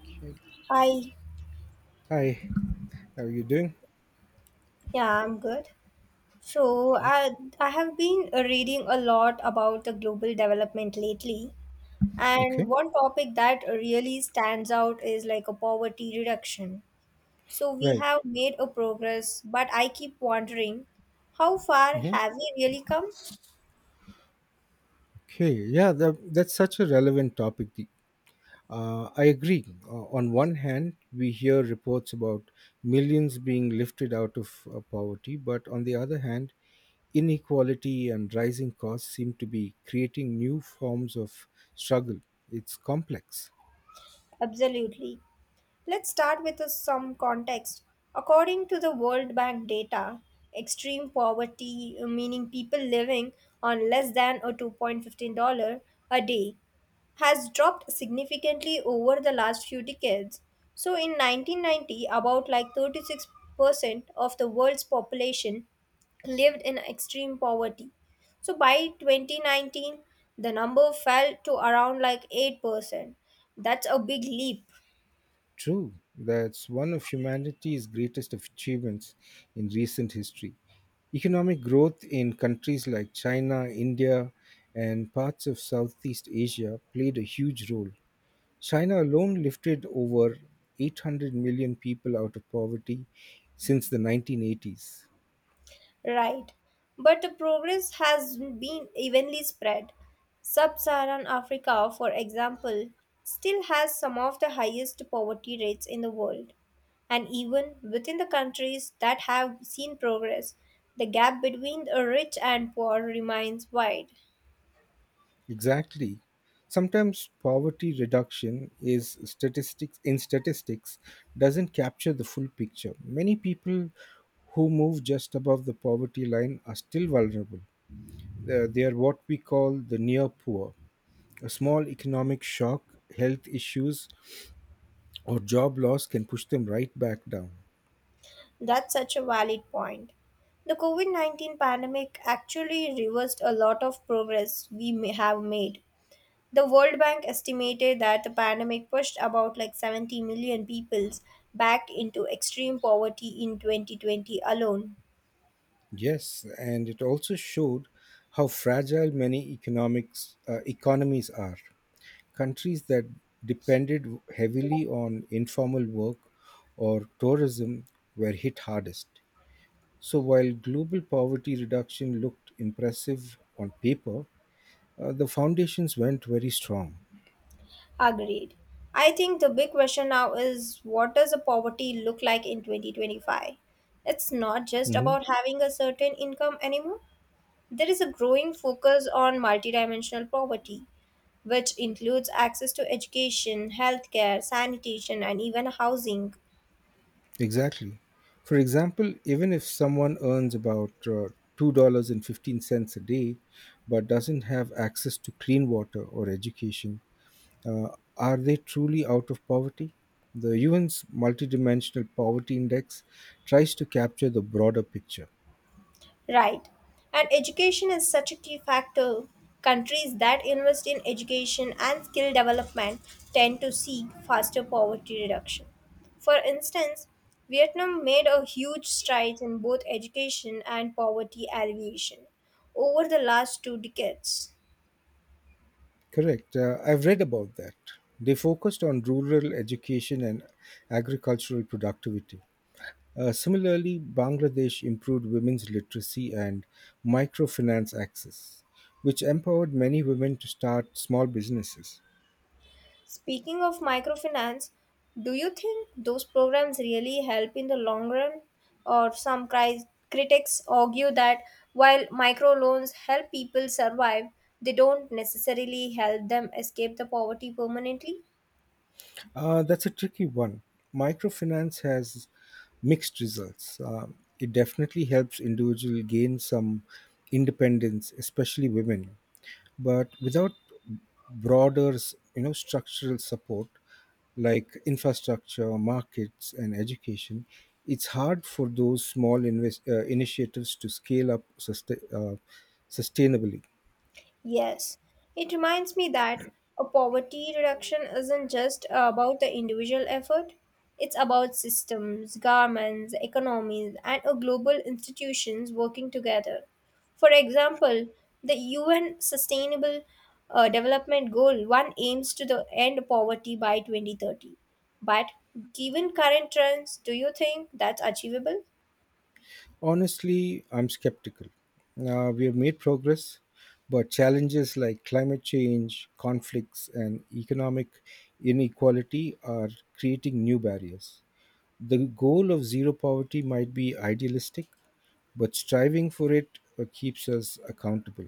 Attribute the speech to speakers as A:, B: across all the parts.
A: Okay.
B: Hi,
A: Hi, how are you doing?
B: yeah, I'm good. So,
A: Okay.
B: I have been reading a lot about the global development lately, and
A: Okay.
B: one topic that really stands out is like a poverty reduction. So, we
A: Right.
B: have made a progress, but I keep wondering how far
A: hmm
B: have we really come?
A: Okay. Yeah, that's such a relevant topic. I agree. On one hand, we hear reports about millions being lifted out of poverty, but on the other hand, inequality and rising costs seem to be creating new forms of struggle. It's complex.
B: Absolutely. Let's start with some context. According to the World Bank data, extreme poverty, meaning people living on less than a $2.15 a day, has dropped significantly over the last few decades. So in 1990, about like 36% of the world's population lived in extreme poverty. So by 2019, the number fell to around like 8%. That's a big leap.
A: True, that's one of humanity's greatest achievements in recent history. Economic growth in countries like China, India, and parts of Southeast Asia played a huge role. China alone lifted over 800 million people out of poverty since the 1980s.
B: Right. But the progress has been evenly spread. Sub Saharan Africa, for example, still has some of the highest poverty rates in the world. And even within the countries that have seen progress, the gap between the rich and poor remains wide.
A: Exactly. Sometimes poverty reduction is statistics in statistics doesn't capture the full picture. Many people who move just above the poverty line are still vulnerable. They are what we call the near poor. A small economic shock, health issues, or job loss can push them right back down.
B: That's such a valid point. The COVID 19 pandemic actually reversed a lot of progress we may have made. The World Bank estimated that the pandemic pushed about like 70 million people back into extreme poverty in 2020 alone.
A: Yes, and it also showed how fragile many economics economies are. Countries that depended heavily on informal work or tourism were hit hardest. So while global poverty reduction looked impressive on paper, the foundations went very strong.
B: Agreed. I think the big question now is what does a poverty look like in 2025? It's not just
A: Mhm.
B: about having a certain income anymore. There is a growing focus on multidimensional poverty, which includes access to education, healthcare, sanitation, and even housing.
A: Exactly. For example, even if someone earns about $2.15 a day but doesn't have access to clean water or education, uh, are they truly out of poverty? The UN's Multidimensional Poverty Index tries to capture the broader picture.
B: Right. And education is such a key factor. Countries that invest in education and skill development tend to see faster poverty reduction. For instance, Vietnam made a huge stride in both education and poverty alleviation over the last two decades.
A: Correct. I've read about that. They focused on rural education and agricultural productivity. Similarly, Bangladesh improved women's literacy and microfinance access, which empowered many women to start small businesses.
B: Speaking of microfinance, do you think those programs really help in the long run? Or some critics argue that while microloans help people survive, they don't necessarily help them escape the poverty permanently.
A: That's a tricky one. Microfinance has mixed results. It definitely helps individuals gain some independence, especially women, but without you know structural support like infrastructure markets and education it's hard for those small initiatives to scale up sustainably.
B: Yes, it reminds me that a poverty reduction isn't just about the individual effort, it's about systems, governments, economies, and a global institutions working together. For example, the UN Sustainable Development Goal 1 aims to the end poverty by 2030. But given current trends, do you think that's achievable?
A: Honestly, I'm skeptical. Uh, we have made progress but challenges like climate change conflicts and economic inequality are creating new barriers. The goal of zero poverty might be idealistic, but striving for it keeps us accountable.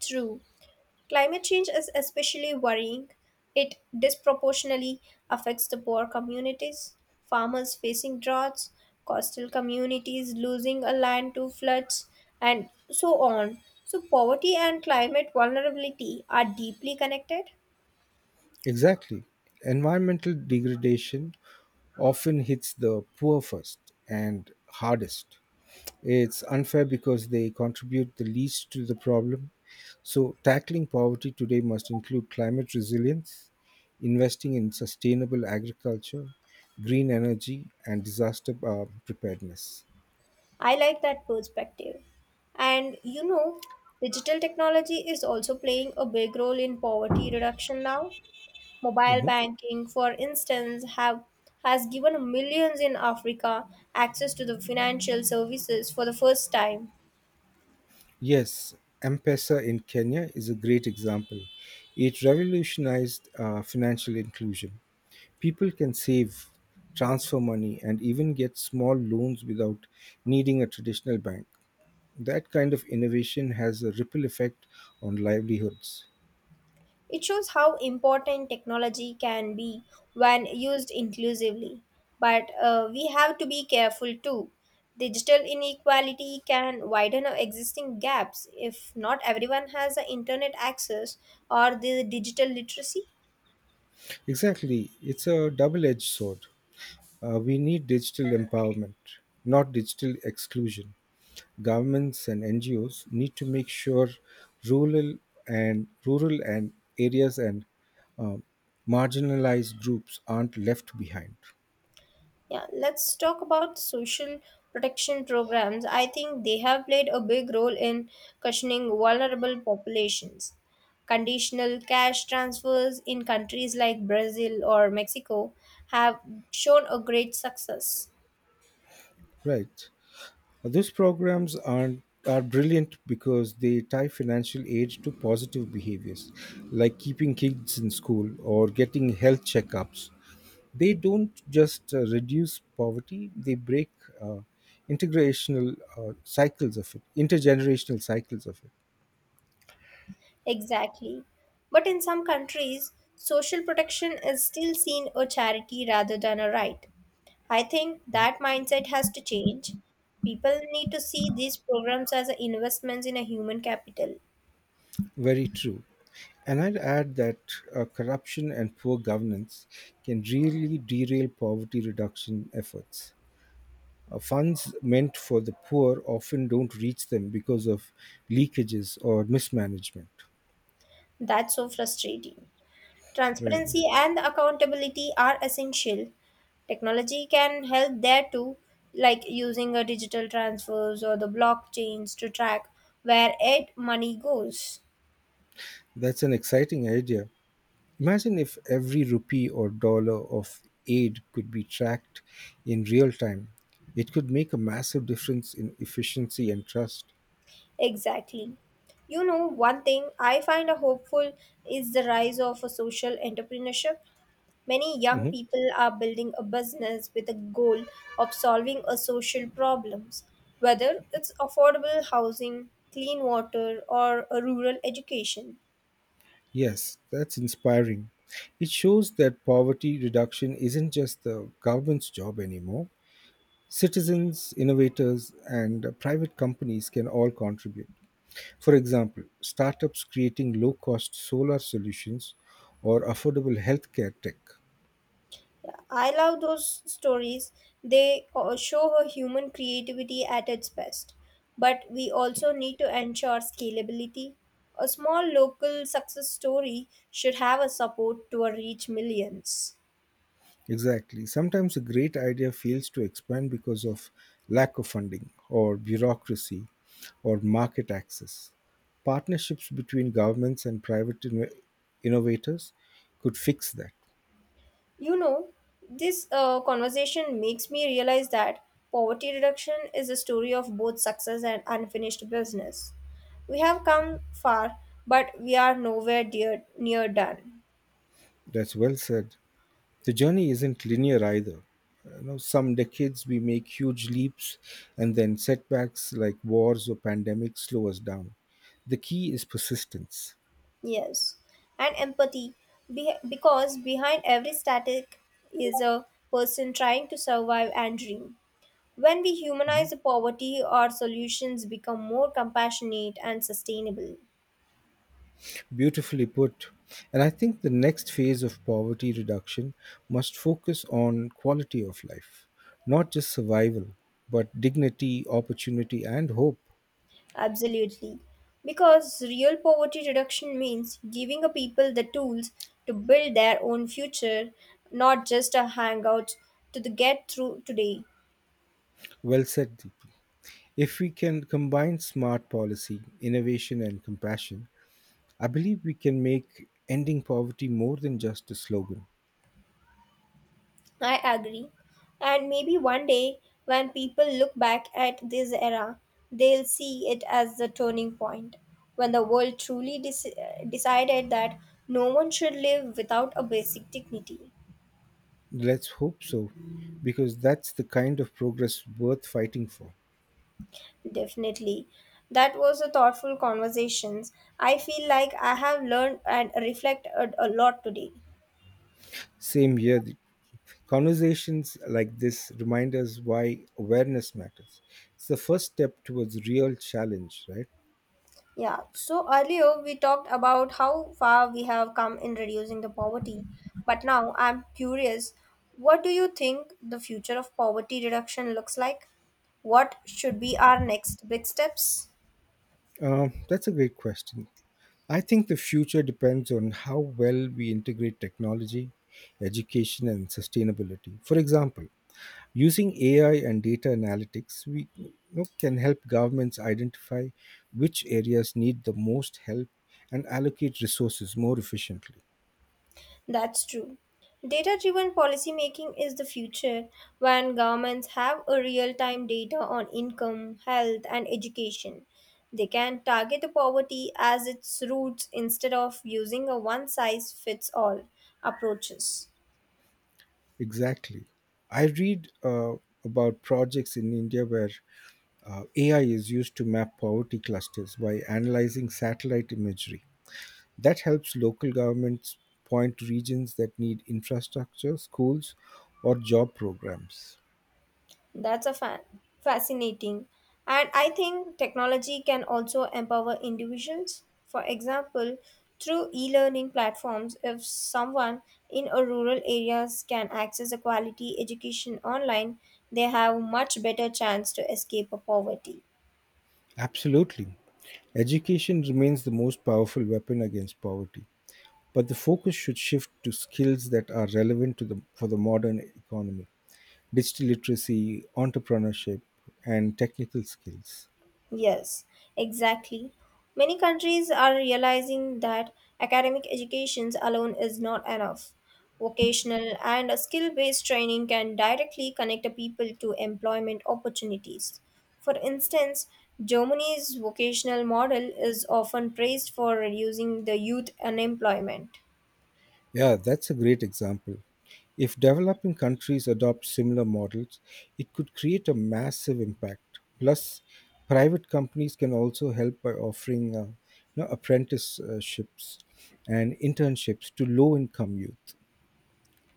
B: True. Climate change is especially worrying. It disproportionately affects the poor communities, farmers facing droughts, coastal communities losing a land to floods, and so on. So, poverty and climate vulnerability are deeply connected.
A: Exactly. Environmental degradation often hits the poor first and hardest. It's unfair because they contribute the least to the problem. So, tackling poverty today must include climate resilience, investing in sustainable agriculture, green energy, and disaster preparedness.
B: I like that perspective. And you know, digital technology is also playing a big role in poverty reduction now. Mobile
A: Mhm.
B: banking, for instance, have has given millions in Africa access to the financial services for the first time.
A: Yes, M-Pesa in Kenya is a great example. It revolutionized financial inclusion. People can save, transfer money, and even get small loans without needing a traditional bank. That kind of innovation has a ripple effect on livelihoods.
B: It shows how important technology can be when used inclusively. But we have to be careful too. Digital inequality can widen our existing gaps if not everyone has the internet access or the digital literacy.
A: Exactly, it's a double edged sword. We need digital empowerment, not digital exclusion. Governments and NGOs need to make sure rural rural and areas and uh, marginalized groups aren't left behind.
B: Yeah, let's talk about social protection programs. I think they have played a big role in cushioning vulnerable populations. Conditional cash transfers in countries like Brazil or Mexico have shown a great success.
A: Right. These programs aren't are brilliant because they tie financial aid to positive behaviors like keeping kids in school or getting health checkups. They don't just reduce poverty, they break uh, integrational cycles of it intergenerational cycles of it.
B: Exactly. But in some countries, social protection is still seen a charity rather than a right. I think that mindset has to change. People need to see these programs as investments in a human capital.
A: Very true. And I'd add that corruption and poor governance can really derail poverty reduction efforts. Funds meant for the poor often don't reach them because of leakages or mismanagement.
B: That's so frustrating.
A: Right.
B: Transparency and accountability are essential. Technology can help there too, like using a digital transfers or the blockchains to track where ed money goes.
A: That's an exciting idea. Imagine if every rupee or dollar of aid could be tracked in real time. It could make a massive difference in efficiency and trust.
B: Exactly. You know, one thing I find a hopeful is the rise of a social entrepreneurship. Many young
A: Mhm.
B: people are building a business with the goal of solving a social problems, whether it's affordable housing, clean water, or a rural education.
A: Yes, that's inspiring. It shows that poverty reduction isn't just the government's job anymore. Citizens, innovators, and private companies can all contribute. For example, startups creating low cost solar solutions or affordable healthcare tech.
B: Yeah, I love those stories. They show a human creativity at its best. But we also need to ensure scalability. A small local success story should have a support to reach millions.
A: Exactly. Sometimes a great idea fails to expand because of lack of funding or bureaucracy or market access. Partnerships between governments and innovators could fix that.
B: You know, this conversation makes me realize that poverty reduction is a story of both success and unfinished business. We have come far, but we are nowhere dear, near done.
A: That's well said. The journey isn't linear either. You know, some decades we make huge leaps and then setbacks like wars or pandemics slow us down. The key is persistence.
B: Yes. And empathy, because behind every static is a person trying to survive and dream. When we humanize
A: Mhm.
B: the poverty, our solutions become more compassionate and sustainable.
A: Beautifully put. And I think the next phase of poverty reduction must focus on quality of life, not just survival, but dignity, opportunity, and hope.
B: Absolutely. Because real poverty reduction means giving a people the tools to build their own future, not just a hangout to the get through today.
A: Well said, Deepi. If we can combine smart policy, innovation, and compassion, I believe we can make ending poverty more than just a slogan.
B: I agree. And maybe one day when people look back at this era, they'll see it as the turning point when the world truly decided that no one should live without a basic dignity.
A: Let's hope so, because that's the kind of progress worth fighting for.
B: Definitely. That was a thoughtful conversations. I feel like I have learned and reflect a lot today.
A: Same here, Deepi. Conversations like this remind us why awareness matters. It's the first step towards real challenge, right?
B: Yeah. So earlier we talked about how far we have come in reducing the poverty, but now I'm curious, what do you think the future of poverty reduction looks like? What should be our next big steps?
A: That's a great question. I think the future depends on how well we integrate technology, education, and sustainability. For example, using AI and data analytics, we you know, can help governments identify which areas need the most help and allocate resources more efficiently.
B: That's true. Data driven policy making is the future when governments have a real time data on income, health, and education. They can target the poverty as its roots instead of using a one size fits all approaches.
A: Exactly. I read about projects in India where AI is used to map poverty clusters by analyzing satellite imagery. That helps local governments point to regions that need infrastructure, schools, or job programs.
B: That's a fascinating. And I think technology can also empower individuals. For example, through e-learning platforms, if someone in a rural areas can access a quality education online, they have much better chance to escape a poverty.
A: Absolutely. Education remains the most powerful weapon against poverty, but the focus should shift to skills that are relevant to the, for the modern economy. Digital literacy, entrepreneurship, and technical skills.
B: Yes, exactly. Many countries are realizing that academic education alone is not enough. Vocational and skill based training can directly connect a people to employment opportunities. For instance, Germany's vocational model is often praised for reducing the youth unemployment.
A: Yeah, that's a great example. If developing countries adopt similar models, it could create a massive impact. Plus, private companies can also help by offering you know, apprenticeships and internships to low income youth.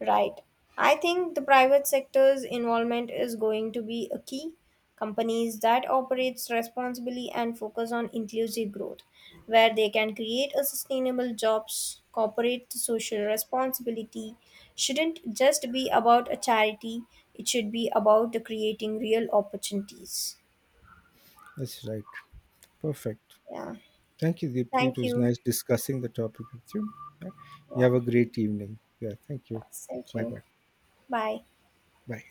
B: Right. I think the private sector's involvement is going to be a key. Companies that operates responsibly and focus on inclusive growth, where they can create a sustainable jobs, corporate social responsibility shouldn't just be about a charity. It should be about the creating real opportunities.
A: That's right. Perfect.
B: Yeah.
A: Thank you, Deepthi.
B: Thank
A: It was
B: you.
A: nice discussing the topic with you. Yeah. You have
B: Yeah.
A: a great evening. Yeah, thank
B: yeah.
A: you.
B: Thank
A: Bye
B: you.
A: bye.
B: Bye.
A: Bye.